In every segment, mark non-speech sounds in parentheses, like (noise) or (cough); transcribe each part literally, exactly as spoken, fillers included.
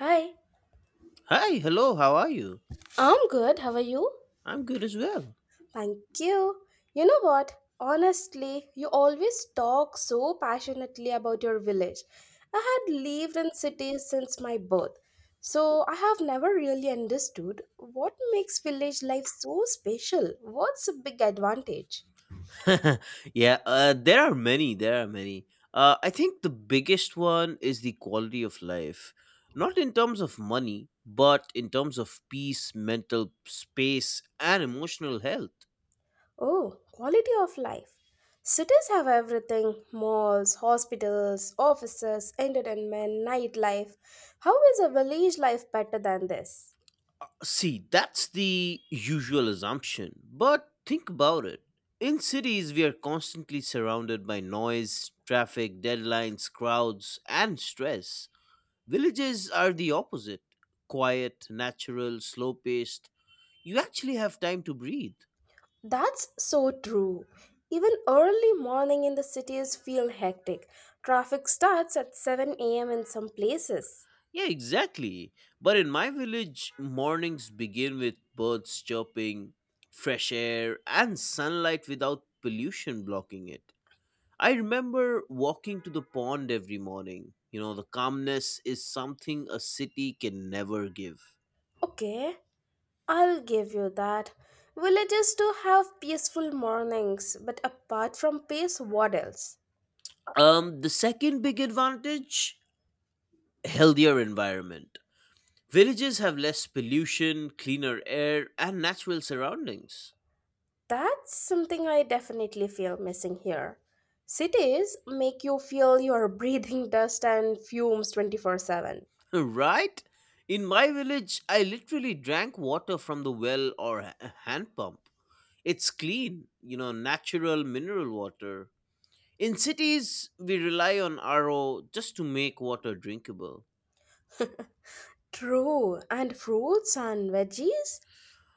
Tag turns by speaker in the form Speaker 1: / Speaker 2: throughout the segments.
Speaker 1: Hi,
Speaker 2: Hi, hello, how are you?
Speaker 1: I'm good. How are you?
Speaker 2: I'm good as well.
Speaker 1: Thank you. You know what? Honestly, you always talk so passionately about your village. I had lived in cities since my birth, so I have never really understood what makes village life so special. What's a big advantage?
Speaker 2: (laughs) yeah, uh, there are many, there are many. Uh, I think the biggest one is the quality of life. Not in terms of money, but in terms of peace, mental space, and emotional health.
Speaker 1: Oh, quality of life. Cities have everything malls, hospitals, offices, entertainment, nightlife. How is a village life better than this?
Speaker 2: See, that's the usual assumption, but think about it. In cities, we are constantly surrounded by noise, traffic, deadlines, crowds, and stress. Villages are the opposite: quiet, natural, slow paced. You actually have time to breathe.
Speaker 1: That's so true. Even early morning in the cities feel hectic. Traffic starts at seven a m in some places.
Speaker 2: Yeah, exactly. But in my village, mornings begin with birds chirping, fresh air, and sunlight without pollution blocking it. I remember walking to the pond every morning. You know, the calmness is something a city can never give.
Speaker 1: Okay, I'll give you that. Villages do have peaceful mornings, but apart from peace, what else?
Speaker 2: Um, the second big advantage: healthier environment. Villages have less pollution, cleaner air, and natural surroundings.
Speaker 1: That's something I definitely feel missing here. Cities make you feel you're breathing dust and fumes twenty-four seven.
Speaker 2: (laughs) Right? In my village, I literally drank water from the well or a hand pump. It's clean, you know, natural mineral water. In cities, we rely on R O just to make water drinkable.
Speaker 1: True, and fruits and veggies?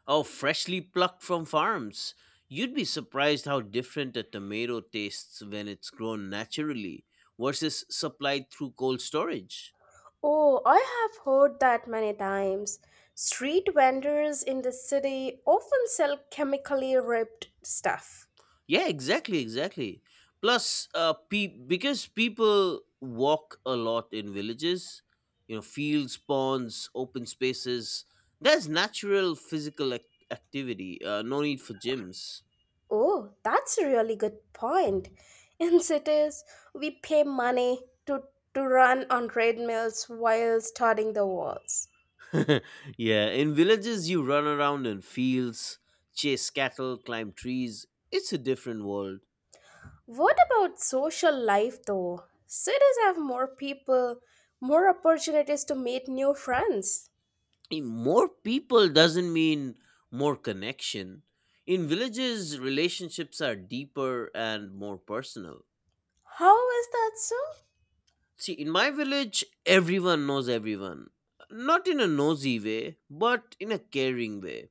Speaker 2: Or freshly plucked from farms. You'd be surprised how different a tomato tastes when it's grown naturally versus supplied through cold storage.
Speaker 1: Oh, I have heard that many times. Street vendors in the city often sell chemically ripped stuff.
Speaker 2: Yeah, exactly, exactly. Plus, uh, pe- because people walk a lot in villages, you know, fields, ponds, open spaces, there's natural physical ac- activity, uh, no need for gyms.
Speaker 1: Oh, that's a really good point. (laughs) In cities, we pay money to, to run on treadmills while studying the walls.
Speaker 2: (laughs) Yeah, in villages, you run around in fields, chase cattle, climb trees. It's a different world.
Speaker 1: What about social life though? Cities have more people, more opportunities to meet new friends.
Speaker 2: In more people doesn't mean more connection. In villages, relationships are deeper and more personal.
Speaker 1: How is that so?
Speaker 2: See, in my village, everyone knows everyone. Not in a nosy way, but in a caring way.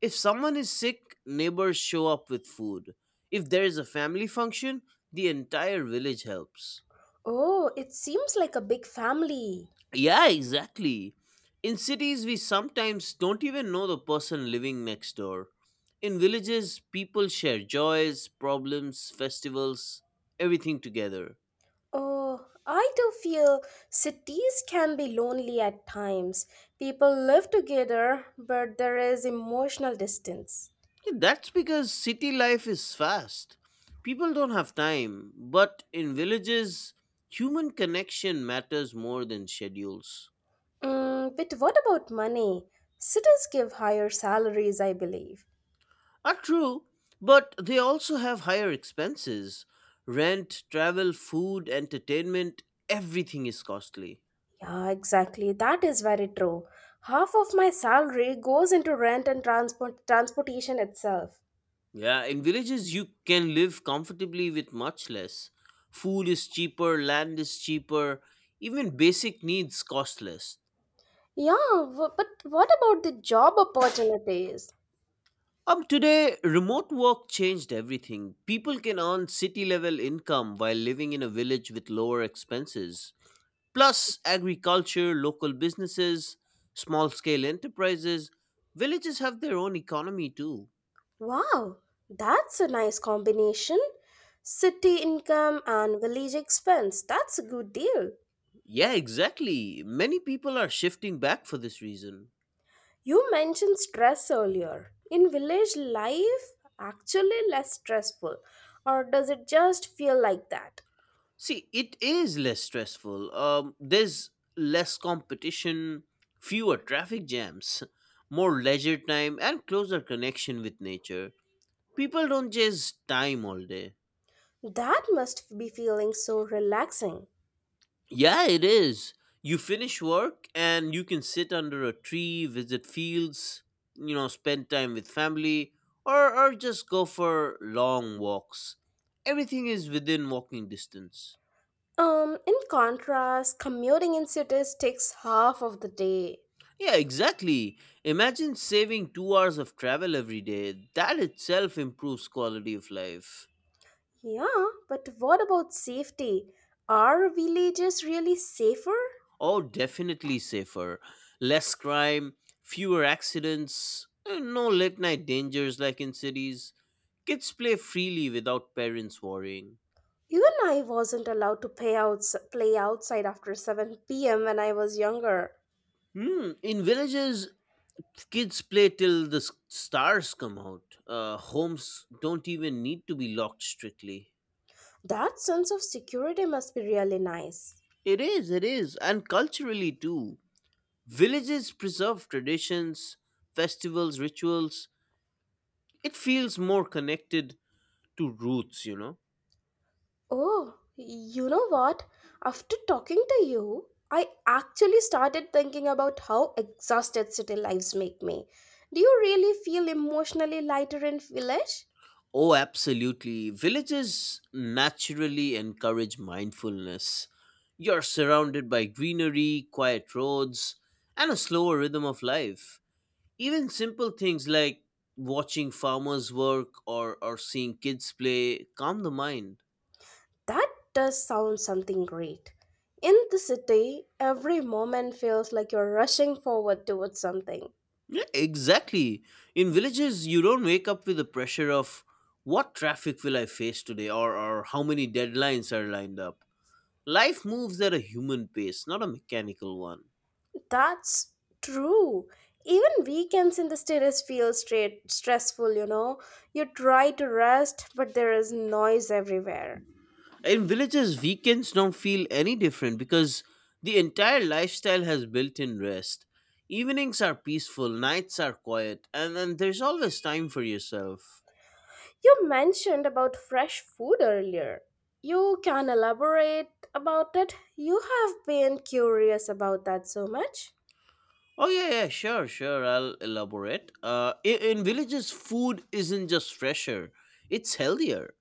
Speaker 2: If someone is sick, neighbors show up with food. If there is a family function, the entire village helps.
Speaker 1: Oh, it seems like a big family.
Speaker 2: Yeah, exactly. In cities, we sometimes don't even know the person living next door. In villages, people share joys, problems, festivals, everything together.
Speaker 1: Oh, I do feel cities can be lonely at times. People live together, but there is emotional distance.
Speaker 2: Yeah, that's because city life is fast. People don't have time, but in villages, human connection matters more than schedules.
Speaker 1: Mm, but what about money? Cities give higher salaries, I believe.
Speaker 2: Are true, but they also have higher expenses. Rent, travel, food, entertainment, everything is costly.
Speaker 1: Yeah, exactly. That is very true. Half of my salary goes into rent and transport transportation itself.
Speaker 2: Yeah, in villages, you can live comfortably with much less. Food is cheaper, land is cheaper, even basic needs cost less.
Speaker 1: Yeah, w- but what about the job opportunities?
Speaker 2: Um, today, remote work changed everything. People can earn city level income while living in a village with lower expenses. Plus, agriculture, local businesses, small scale enterprises, villages have their own economy too.
Speaker 1: Wow, that's a nice combination. City income and village expense. That's a good deal.
Speaker 2: Yeah, exactly. Many people are shifting back for this reason.
Speaker 1: You mentioned stress earlier. In village life, actually less stressful, or does it just feel like that?
Speaker 2: See, it is less stressful. Um, there's less competition, fewer traffic jams, (laughs) more leisure time, and closer connection with nature. People don't chase time all day.
Speaker 1: That must be feeling so relaxing.
Speaker 2: Yeah, it is. You finish work and you can sit under a tree, visit fields, you know, spend time with family, or, or just go for long walks. Everything is within walking distance.
Speaker 1: Um, in contrast, commuting in cities takes half of the day.
Speaker 2: Yeah, exactly. Imagine saving two hours of travel every day. That itself improves quality of life.
Speaker 1: Yeah, but what about safety? Are villages really safer?
Speaker 2: Oh, definitely safer. Less crime, fewer accidents, and no late night dangers like in cities. Kids play freely without parents worrying.
Speaker 1: Even I wasn't allowed to play, outs play outside after seven p m when I was younger.
Speaker 2: Hmm, in villages, kids play till the s- stars come out. Uh, homes don't even need to be locked strictly.
Speaker 1: That sense of security must be really nice.
Speaker 2: It is, it is, and culturally too. Villages preserve traditions, festivals, rituals. It feels more connected to roots, you know.
Speaker 1: Oh, you know what? After talking to you, I actually started thinking about how exhausted city lives make me. Do you really feel emotionally lighter in village?
Speaker 2: Oh, absolutely. Villages naturally encourage mindfulness. You're surrounded by greenery, quiet roads, and a slower rhythm of life. Even simple things like watching farmers work or, or seeing kids play calm the mind.
Speaker 1: That does sound something great. In the city, every moment feels like you're rushing forward towards something.
Speaker 2: Yeah, exactly. In villages, you don't wake up with the pressure of what traffic will I face today or, or how many deadlines are lined up. Life moves at a human pace, not a mechanical one.
Speaker 1: That's true. Even weekends in the status feel straight stressful, you know. You try to rest, but there is noise everywhere.
Speaker 2: In villages, weekends don't feel any different because the entire lifestyle has built in rest. Evenings are peaceful, nights are quiet, and then there's always time for yourself.
Speaker 1: You mentioned about fresh food earlier. You can elaborate about it. You have been curious about that so much.
Speaker 2: Oh, yeah, yeah, sure, sure, I'll elaborate. Uh, i- in villages, food isn't just fresher, it's healthier.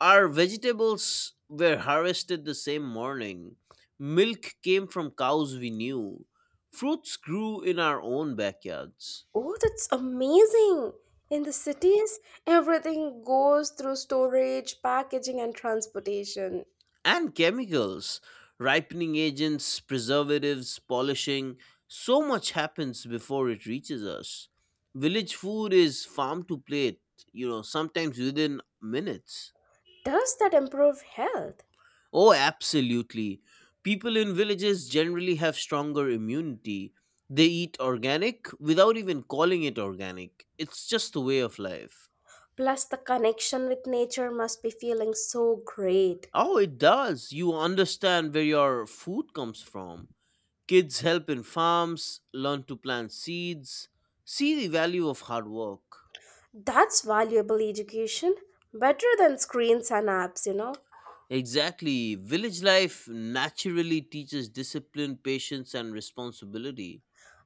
Speaker 2: Our vegetables were harvested the same morning, milk came from cows we knew, fruits grew in our own backyards.
Speaker 1: Oh, that's amazing. In the cities, everything goes through storage, packaging, and transportation.
Speaker 2: And chemicals, ripening agents, preservatives, polishing. So much happens before it reaches us. Village food is farm to plate, you know, sometimes within minutes.
Speaker 1: Does that improve health?
Speaker 2: Oh, absolutely. People in villages generally have stronger immunity. They eat organic without even calling it organic. It's just a way of life.
Speaker 1: Plus, the connection with nature must be feeling so great.
Speaker 2: Oh, it does. You understand where your food comes from. Kids help in farms, learn to plant seeds, see the value of hard work.
Speaker 1: That's valuable education, better than screens and apps, you know.
Speaker 2: Exactly. Village life naturally teaches discipline, patience, and responsibility.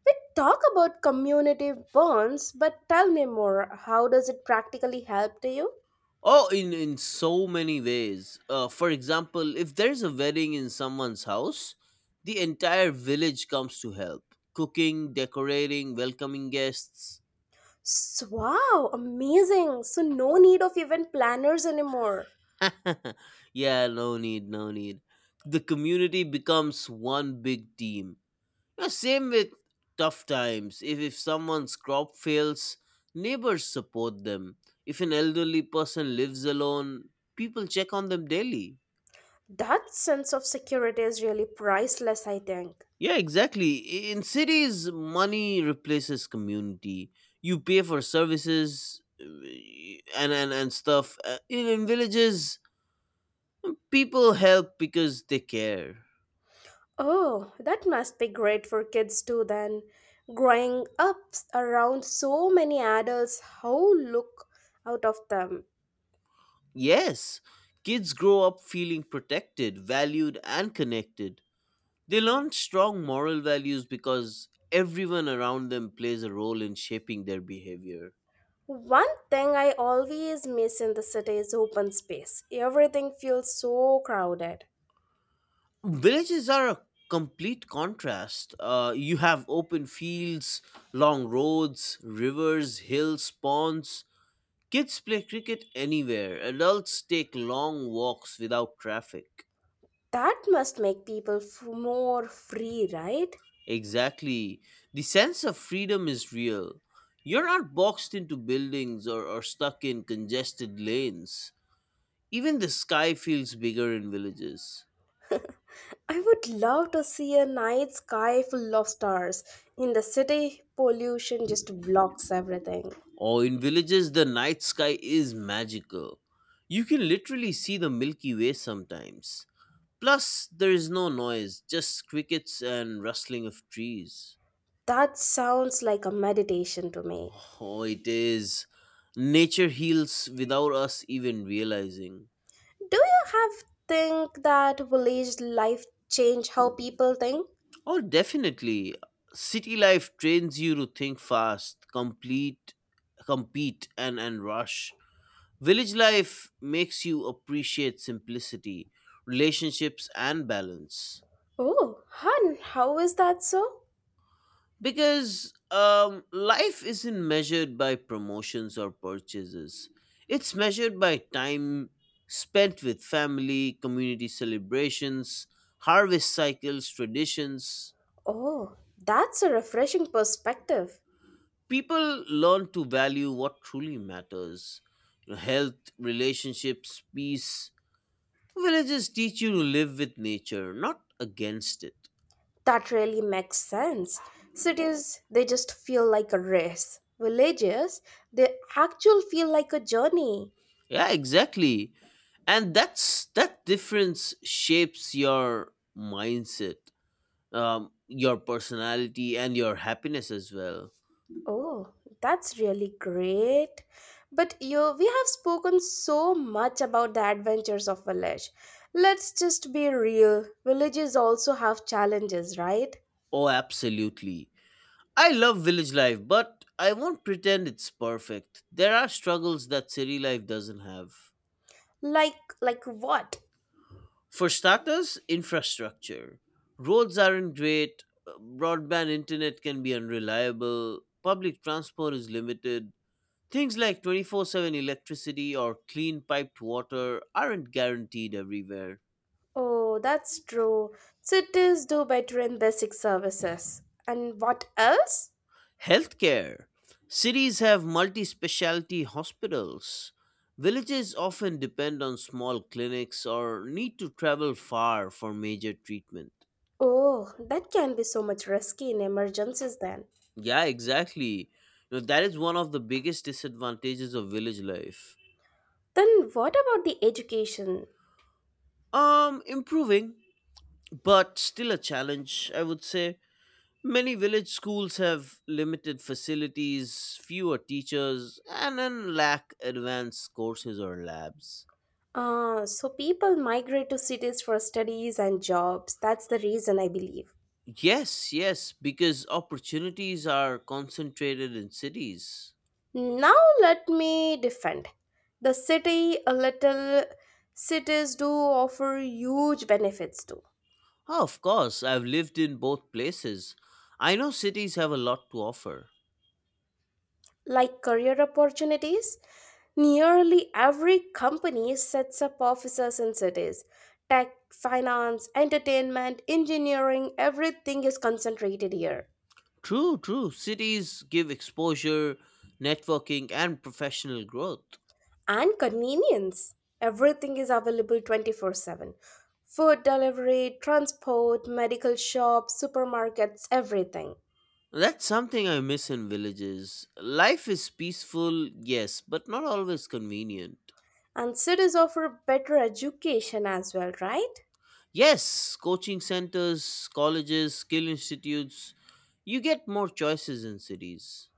Speaker 1: We talk about community bonds, but tell me more. How does it practically help to you?
Speaker 2: Oh, in, in so many ways. Uh, for example, if there's a wedding in someone's house, the entire village comes to help cooking, decorating, welcoming guests.
Speaker 1: S- Wow, amazing. So, no need of even planners anymore.
Speaker 2: (laughs) Yeah, no need, no need. The community becomes one big team. Yeah, same with tough times. If, if someone's crop fails, neighbors support them. If an elderly person lives alone, people check on them daily.
Speaker 1: That sense of security is really priceless, I think.
Speaker 2: Yeah, exactly. I- In cities, money replaces community. You pay for services uh, and, and, and stuff. Uh, In, in villages, people help because they care.
Speaker 1: Oh, that must be great for kids too then. Growing up around so many adults who look out of them.
Speaker 2: Yes, kids grow up feeling protected, valued, and connected. They learn strong moral values because everyone around them plays a role in shaping their behavior.
Speaker 1: One thing I always miss in the city is open space. Everything feels so crowded.
Speaker 2: Villages are a complete contrast. Uh, you have open fields, long roads, rivers, hills, ponds. Kids play cricket anywhere. Adults take long walks without traffic.
Speaker 1: That must make people f- more free, right?
Speaker 2: Exactly. The sense of freedom is real. You're not boxed into buildings or, or stuck in congested lanes. Even the sky feels bigger in villages.
Speaker 1: I would love to see a night sky full of stars. In the city, pollution just blocks everything.
Speaker 2: Or in villages, the night sky is magical. You can literally see the Milky Way sometimes. Plus, there is no noise, just crickets and rustling of trees.
Speaker 1: That sounds like a meditation to me.
Speaker 2: Oh, it is. Nature heals without us even realizing.
Speaker 1: Do you have think that village life change how people think?
Speaker 2: Oh, definitely. City life trains you to think fast, complete, compete, and, and rush. Village life makes you appreciate simplicity, relationships, and balance.
Speaker 1: Oh, hun, how is that so?
Speaker 2: Because um, life isn't measured by promotions or purchases, it's measured by time spent with family, community celebrations, harvest cycles, traditions.
Speaker 1: Oh, that's a refreshing perspective.
Speaker 2: People learn to value what truly matters, you know, health, relationships, peace. Villages teach you to live with nature, not against it.
Speaker 1: That really makes sense. Cities, they just feel like a race. Villages, they actually feel like a journey.
Speaker 2: Yeah, exactly. And that's that difference shapes your mindset, um, your personality, and your happiness as well.
Speaker 1: Oh, that's really great. But you we have spoken so much about the adventures of village. Let's just be real. Villages also have challenges, right?
Speaker 2: Oh, absolutely. I love village life, but I won't pretend it's perfect. There are struggles that city life doesn't have.
Speaker 1: Like like what?
Speaker 2: For starters, infrastructure. Roads aren't great, broadband internet can be unreliable, public transport is limited, things like twenty-four seven electricity or clean piped water aren't guaranteed everywhere.
Speaker 1: Oh, that's true. Cities do better in basic services. And what else?
Speaker 2: Healthcare. Cities have multi specialty hospitals. Villages often depend on small clinics or need to travel far for major treatment.
Speaker 1: Oh, that can be so much risky in emergencies then.
Speaker 2: Yeah, exactly. You know, that is one of the biggest disadvantages of village life.
Speaker 1: Then what about the education?
Speaker 2: Um, improving, but still a challenge, I would say. Many village schools have limited facilities, fewer teachers, and then lack advanced courses or labs.
Speaker 1: Ah, so people migrate to cities for studies and jobs. That's the reason I believe.
Speaker 2: Yes, yes, because opportunities are concentrated in cities.
Speaker 1: Now let me defend. The city, a little cities do offer huge benefits too,
Speaker 2: Oh, of course, I've lived in both places. I know cities have a lot to offer.
Speaker 1: like career opportunities. Nearly every company sets up offices in cities. Tech, finance, entertainment, engineering, everything is concentrated here.
Speaker 2: True, true. Cities give exposure, networking, and professional growth.
Speaker 1: And convenience. Everything is available twenty-four seven. Food delivery, transport, medical shops, supermarkets, everything.
Speaker 2: That's something I miss in villages. Life is peaceful, yes, but not always convenient.
Speaker 1: And cities offer better education as well, right?
Speaker 2: Yes, coaching centers, colleges, skill institutes, you get more choices in cities.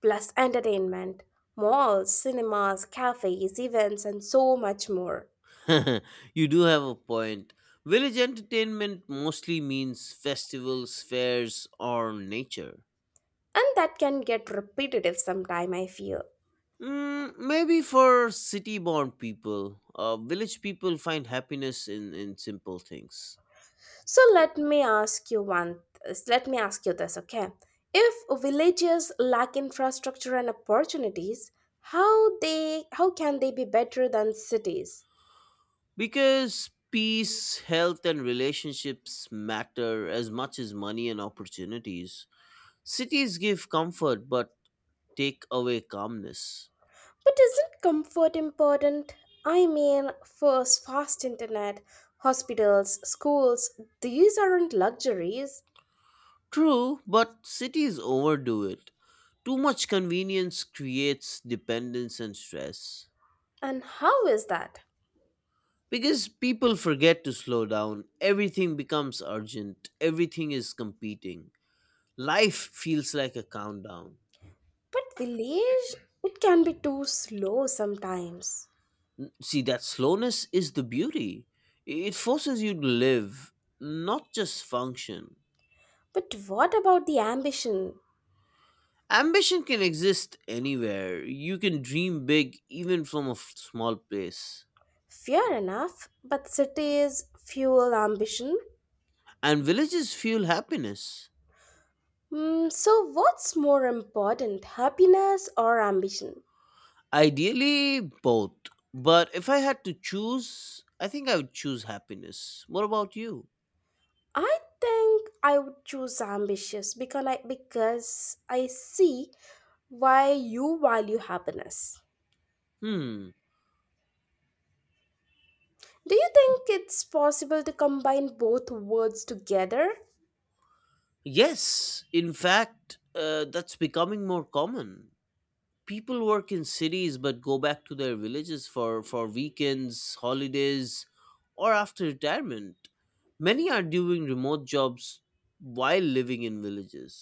Speaker 1: Plus entertainment, malls, cinemas, cafes, events, and so much more.
Speaker 2: (laughs) You do have a point. Village entertainment mostly means festivals, fairs, or nature.
Speaker 1: And that can get repetitive sometime, I feel.
Speaker 2: Mm, maybe for city born people, uh, village people find happiness in, in simple things.
Speaker 1: So let me ask you one. Let me ask you this, okay? If villages lack infrastructure and opportunities, how they how can they be better than cities?
Speaker 2: Because peace, health, and relationships matter as much as money and opportunities. Cities give comfort but take away calmness.
Speaker 1: But isn't comfort important? I mean, first fast internet, hospitals, schools, these aren't luxuries.
Speaker 2: True, but cities overdo it. Too much convenience creates dependence and stress.
Speaker 1: And how is that?
Speaker 2: Because people forget to slow down, everything becomes urgent, everything is competing. Life feels like a countdown.
Speaker 1: But village, it can be too slow sometimes.
Speaker 2: See, that slowness is the beauty. It forces you to live, not just function.
Speaker 1: But what about the ambition?
Speaker 2: Ambition can exist anywhere. You can dream big even from a f- small place.
Speaker 1: Fair enough, but cities fuel ambition.
Speaker 2: And villages fuel happiness.
Speaker 1: Mm, so, what's more important, happiness or ambition?
Speaker 2: Ideally, both. But if I had to choose, I think I would choose happiness. What about you?
Speaker 1: I think I would choose ambitious because I, because I see why you value happiness.
Speaker 2: Hmm.
Speaker 1: Do you think it's possible to combine both words together?
Speaker 2: Yes, in fact, uh, that's becoming more common. People work in cities but go back to their villages for, for weekends, holidays, or after retirement. Many are doing remote jobs while living in villages.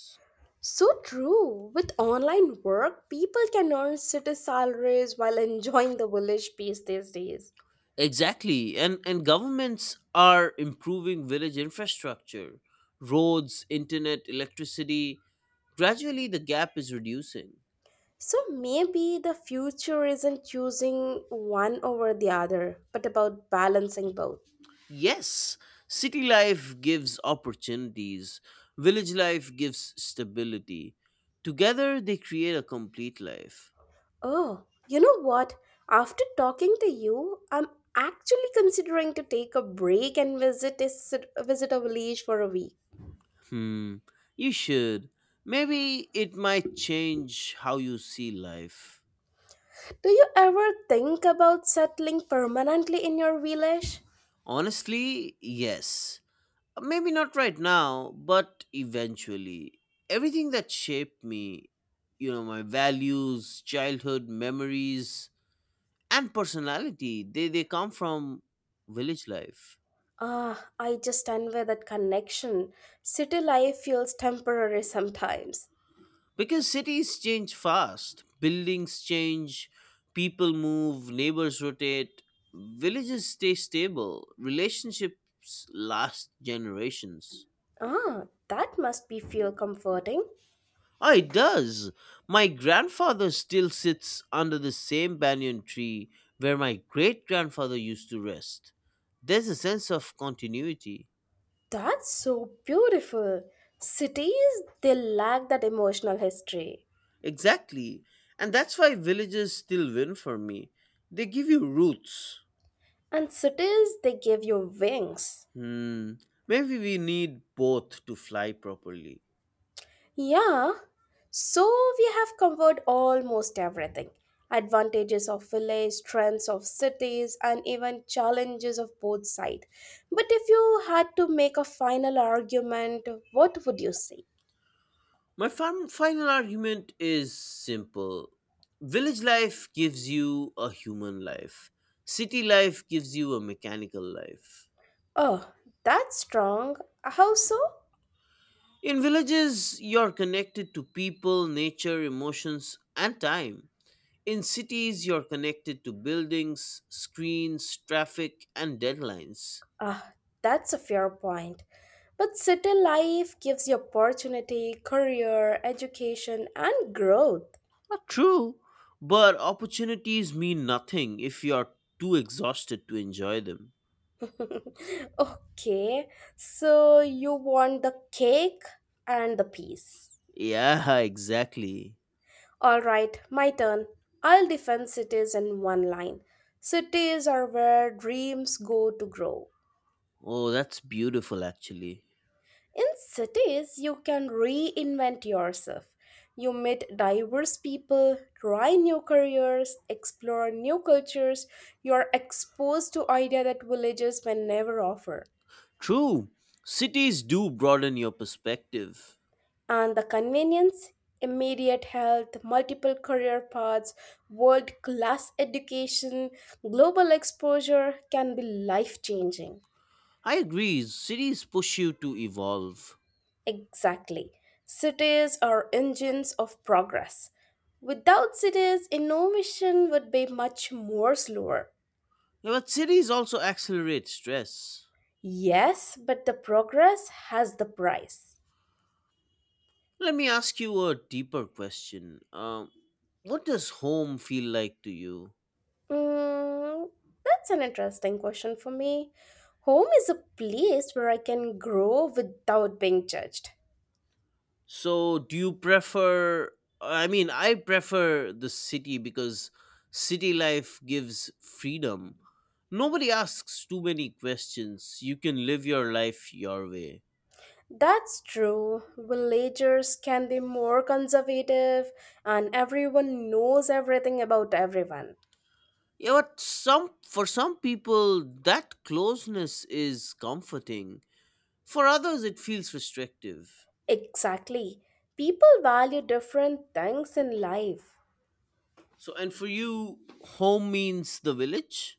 Speaker 1: So true. With online work, people can earn city salaries while enjoying the village peace these days.
Speaker 2: Exactly, and, and governments are improving village infrastructure, roads, internet, electricity. Gradually, the gap is reducing.
Speaker 1: So maybe the future isn't choosing one over the other, but about balancing both.
Speaker 2: Yes, city life gives opportunities, village life gives stability. Together, they create a complete life.
Speaker 1: Oh, you know what? After talking to you, I'm actually considering to take a break and visit a, sit- visit a village for a week.
Speaker 2: Hmm, you should. Maybe it might change how you see life.
Speaker 1: Do you ever think about settling permanently in your village?
Speaker 2: Honestly, yes. Maybe not right now, but eventually. Everything that shaped me, you know, my values, childhood memories, and personality, they, they come from village life.
Speaker 1: Ah, I just envy that connection. City life feels temporary sometimes.
Speaker 2: Because cities change fast, buildings change, people move, neighbors rotate, villages stay stable, relationships last generations.
Speaker 1: Ah, that must be feel comforting.
Speaker 2: Oh, it does! My grandfather still sits under the same banyan tree where my great grandfather used to rest. There's a sense of continuity.
Speaker 1: That's so beautiful. Cities, they lack that emotional history.
Speaker 2: Exactly. And that's why villages still win for me. They give you roots.
Speaker 1: And cities, they give you wings.
Speaker 2: Hmm. Maybe we need both to fly properly.
Speaker 1: Yeah. So we have covered almost everything advantages of village, strengths of cities, and even challenges of both sides. But if you had to make a final argument, what would you say?
Speaker 2: My fam- final argument is simple. Village life gives you a human life. City life gives you a mechanical life.
Speaker 1: Oh, that's strong. How so?
Speaker 2: In villages, you're connected to people, nature, emotions, and time. In cities, you're connected to buildings, screens, traffic, and deadlines.
Speaker 1: Ah, that's a fair point. But city life gives you opportunity, career, education, and growth.
Speaker 2: Not true, but opportunities mean nothing if you are too exhausted to enjoy them.
Speaker 1: (laughs) Okay, so you want the cake and the peace.
Speaker 2: Yeah, (laughs) exactly.
Speaker 1: All right, my turn. I'll defend cities in one line. Cities are where dreams go to grow.
Speaker 2: Oh, that's beautiful, actually.
Speaker 1: In cities, you can reinvent yourself. You meet diverse people, try new careers, explore new cultures. You are exposed to ideas that villages may never offer.
Speaker 2: True, cities do broaden your perspective.
Speaker 1: And the convenience, immediate health, multiple career paths, world class education, global exposure can be life changing.
Speaker 2: I agree, cities push you to evolve.
Speaker 1: Exactly. Cities are engines of progress. Without cities, innovation would be much more slower.
Speaker 2: Yeah, but cities also accelerate stress.
Speaker 1: Yes, but the progress has the price.
Speaker 2: Let me ask you a deeper question. Um, What does home feel like to you?
Speaker 1: Mm, that's an interesting question for me. Home is a place where I can grow without being judged.
Speaker 2: So, do you prefer? I mean, I prefer the city because city life gives freedom. Nobody asks too many questions. You can live your life your way.
Speaker 1: That's true. Villagers can be more conservative, and everyone knows everything about everyone.
Speaker 2: Yeah, but some for some people that closeness is comforting. For others it feels restrictive.
Speaker 1: Exactly. People value different things in life.
Speaker 2: So and for you home means the village?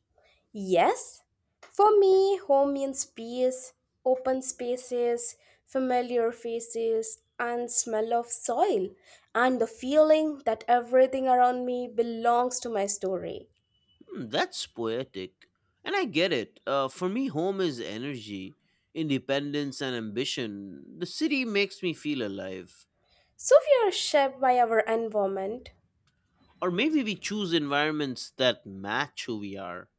Speaker 1: Yes, for me, home means peace, open spaces, familiar faces, and smell of soil, and the feeling that everything around me belongs to my story.
Speaker 2: Hmm, that's poetic. And I get it. Uh, for me, home is energy, independence, and ambition. The city makes me feel alive.
Speaker 1: So we are shaped by our environment.
Speaker 2: Or maybe we choose environments that match who we are.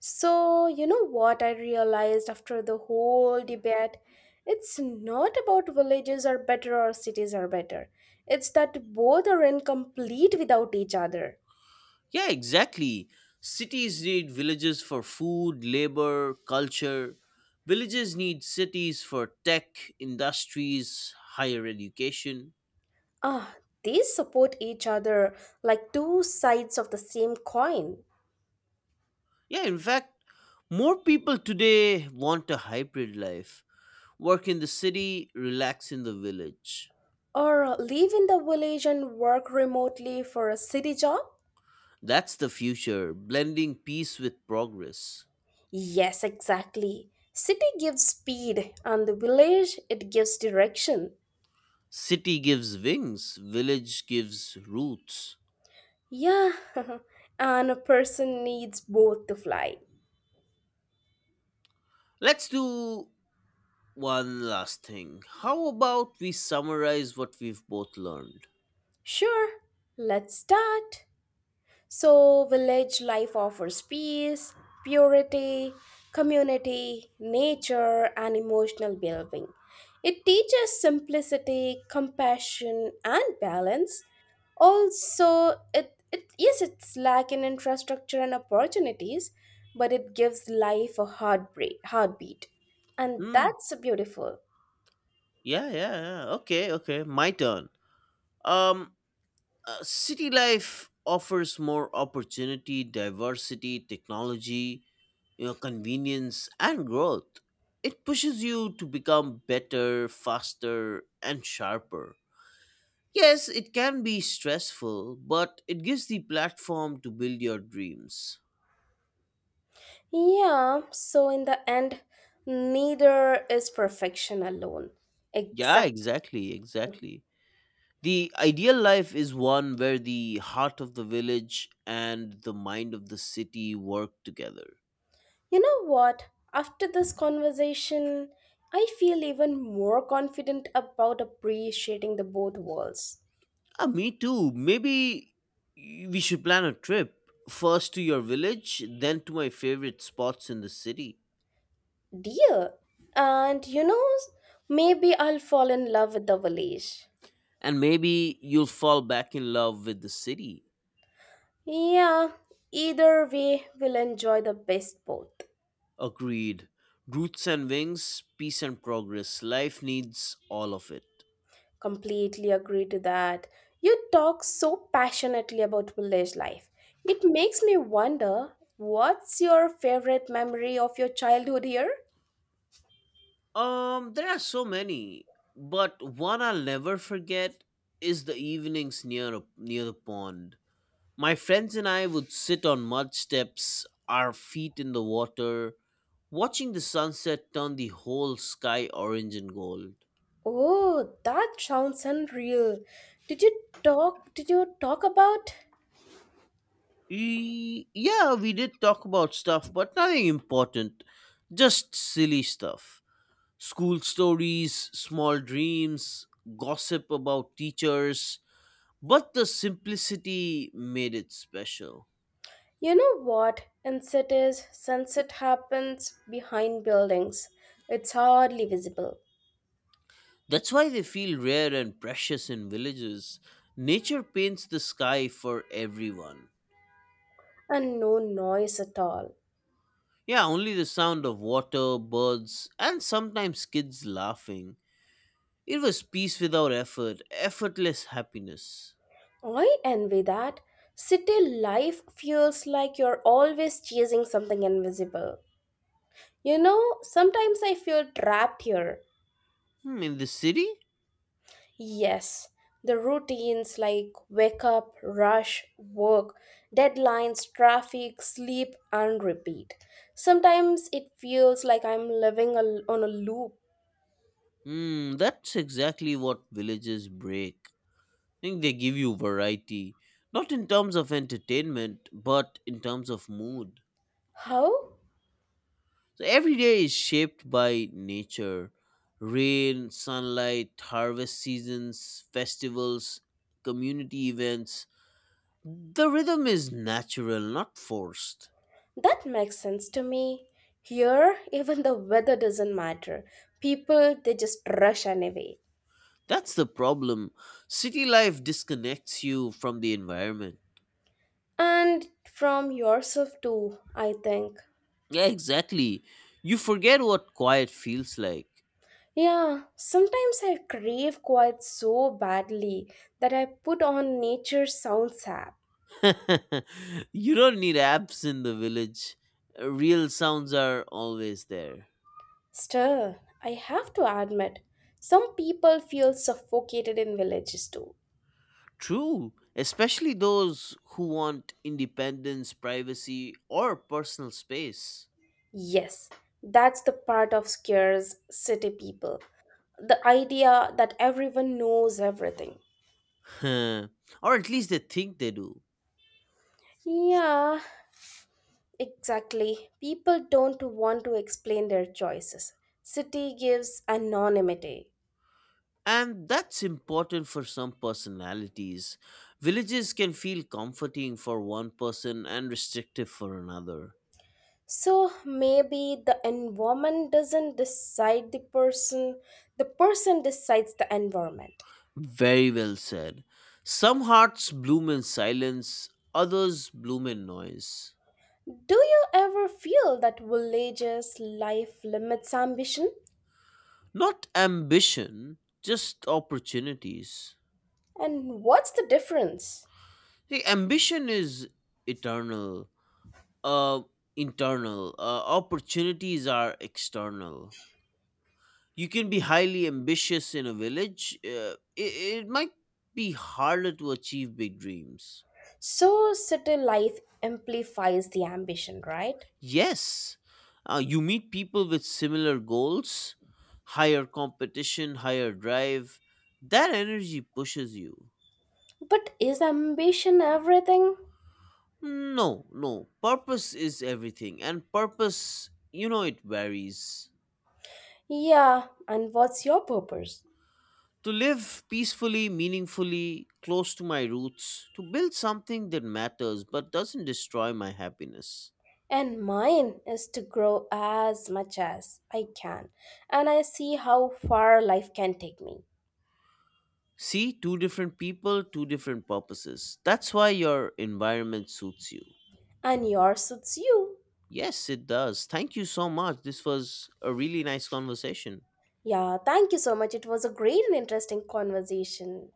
Speaker 1: So, you know what I realized after the whole debate? It's not about villages are better or cities are better. It's that both are incomplete without each other.
Speaker 2: Yeah, exactly. Cities need villages for food, labor, culture. Villages need cities for tech, industries, higher education.
Speaker 1: Ah, they support each other like two sides of the same coin.
Speaker 2: Yeah, in fact, more people today want a hybrid life work in the city, relax in the village.
Speaker 1: Or live in the village and work remotely for a city job?
Speaker 2: That's the future, blending peace with progress.
Speaker 1: Yes, exactly. City gives speed and the village it gives direction.
Speaker 2: City gives wings, village gives roots.
Speaker 1: Yeah, (laughs) and a person needs both to fly.
Speaker 2: Let's do one last thing. How about we summarize what we've both learned?
Speaker 1: Sure, let's start. So, village life offers peace, purity, community, nature, and emotional well being. It teaches simplicity, compassion, and balance. Also, it, it yes, it's lacking infrastructure and opportunities, but it gives life a heartbreak, heartbeat, and
Speaker 2: Hmm.
Speaker 1: that's beautiful.
Speaker 2: Yeah, yeah, yeah. Okay, okay. My turn. Um, Uh, city life offers more opportunity, diversity, technology, you know, convenience, and growth. It pushes you to become better, faster, and sharper. Yes, it can be stressful, but it gives the platform to build your dreams.
Speaker 1: Yeah, so in the end, neither is perfection alone.
Speaker 2: Yeah,
Speaker 1: Exact.
Speaker 2: exactly, exactly. The ideal life is one where the heart of the village and the mind of the city work together.
Speaker 1: You know what? After this conversation, I feel even more confident about appreciating the both worlds.
Speaker 2: Uh, me too. Maybe we should plan a trip. First to your village, then to my favorite spots in the city.
Speaker 1: Dear, and you know, maybe I'll fall in love with the village.
Speaker 2: And maybe you'll fall back in love with the city.
Speaker 1: Yeah, either way, we'll enjoy the best both.
Speaker 2: Agreed. Roots and wings, peace and progress. Life needs all of it.
Speaker 1: Completely agree to that. You talk so passionately about village life. It makes me wonder what's your favorite memory of your childhood here?
Speaker 2: Um, there are so many, but one I'll never forget is the evenings near a, near the pond. My friends and I would sit on mud steps, our feet in the water, watching the sunset turn the whole sky orange and gold.
Speaker 1: Oh, that sounds unreal. Did you talk did you talk about
Speaker 2: E- yeah, we did talk about stuff, but nothing important. Just silly stuff. School stories, small dreams, gossip about teachers. But the simplicity made it special.
Speaker 1: you know what? In cities, sunset happens behind buildings. It's hardly visible.
Speaker 2: That's why they feel rare and precious in villages. Nature paints the sky for everyone.
Speaker 1: And no noise at all.
Speaker 2: Yeah, only the sound of water, birds, and sometimes kids laughing. It was peace without effort, effortless happiness.
Speaker 1: I envy that. City life feels like you're always chasing something invisible. You know, sometimes I feel trapped here.
Speaker 2: Hmm, in the city?
Speaker 1: Yes, the routines like wake up, rush, work, deadlines, traffic, sleep, and repeat. Sometimes it feels like I'm living a- on a loop.
Speaker 2: Hmm, that's exactly what villages break. I think they give you variety, not in terms of entertainment, but in terms of mood.
Speaker 1: How?
Speaker 2: So every day is shaped by nature rain, sunlight, harvest seasons, festivals, community events. The rhythm is natural, not forced.
Speaker 1: That makes sense to me. Here, even the weather doesn't matter. People, they just rush anyway.
Speaker 2: That's the problem. City life disconnects you from the environment.
Speaker 1: And from yourself too, I think.
Speaker 2: Yeah, exactly. You forget what quiet feels like.
Speaker 1: Yeah, sometimes I crave quiet so badly that I put on nature sounds app.
Speaker 2: (laughs) You don't need apps in the village. Real sounds are always there.
Speaker 1: Still, I have to admit, some people feel suffocated in villages too.
Speaker 2: True, especially those who want independence, privacy, or personal space.
Speaker 1: Yes, that's the part of scares city people. The idea that everyone knows everything.
Speaker 2: (laughs) Or at least they think they do.
Speaker 1: Yeah, exactly. People don't want to explain their choices. City gives anonymity.
Speaker 2: And that's important for some personalities. Villages can feel comforting for one person and restrictive for another.
Speaker 1: So maybe the environment doesn't decide the person, the person decides the environment.
Speaker 2: Very well said. Some hearts bloom in silence, others bloom in noise.
Speaker 1: Do you ever feel that villages' life limits ambition?
Speaker 2: Not ambition, just opportunities.
Speaker 1: And what's the difference?
Speaker 2: See, ambition is eternal, uh, internal. Uh, opportunities are external. You can be highly ambitious in a village. Uh, it, it might be harder to achieve big dreams.
Speaker 1: So, city life amplifies the ambition, right?
Speaker 2: Yes, uh, you meet people with similar goals, higher competition, higher drive. That energy pushes you.
Speaker 1: But is ambition everything?
Speaker 2: No, no. Purpose is everything, and purpose, you know, it varies.
Speaker 1: Yeah, and what's your purpose?
Speaker 2: To live peacefully, meaningfully, close to my roots, to build something that matters but doesn't destroy my happiness.
Speaker 1: And mine is to grow as much as I can. And I see how far life can take me.
Speaker 2: See, two different people, two different purposes. That's why your environment suits you.
Speaker 1: And yours suits you.
Speaker 2: Yes, it does. Thank you so much. This was a really nice conversation.
Speaker 1: Yeah, thank you so much. It was a great and interesting conversation.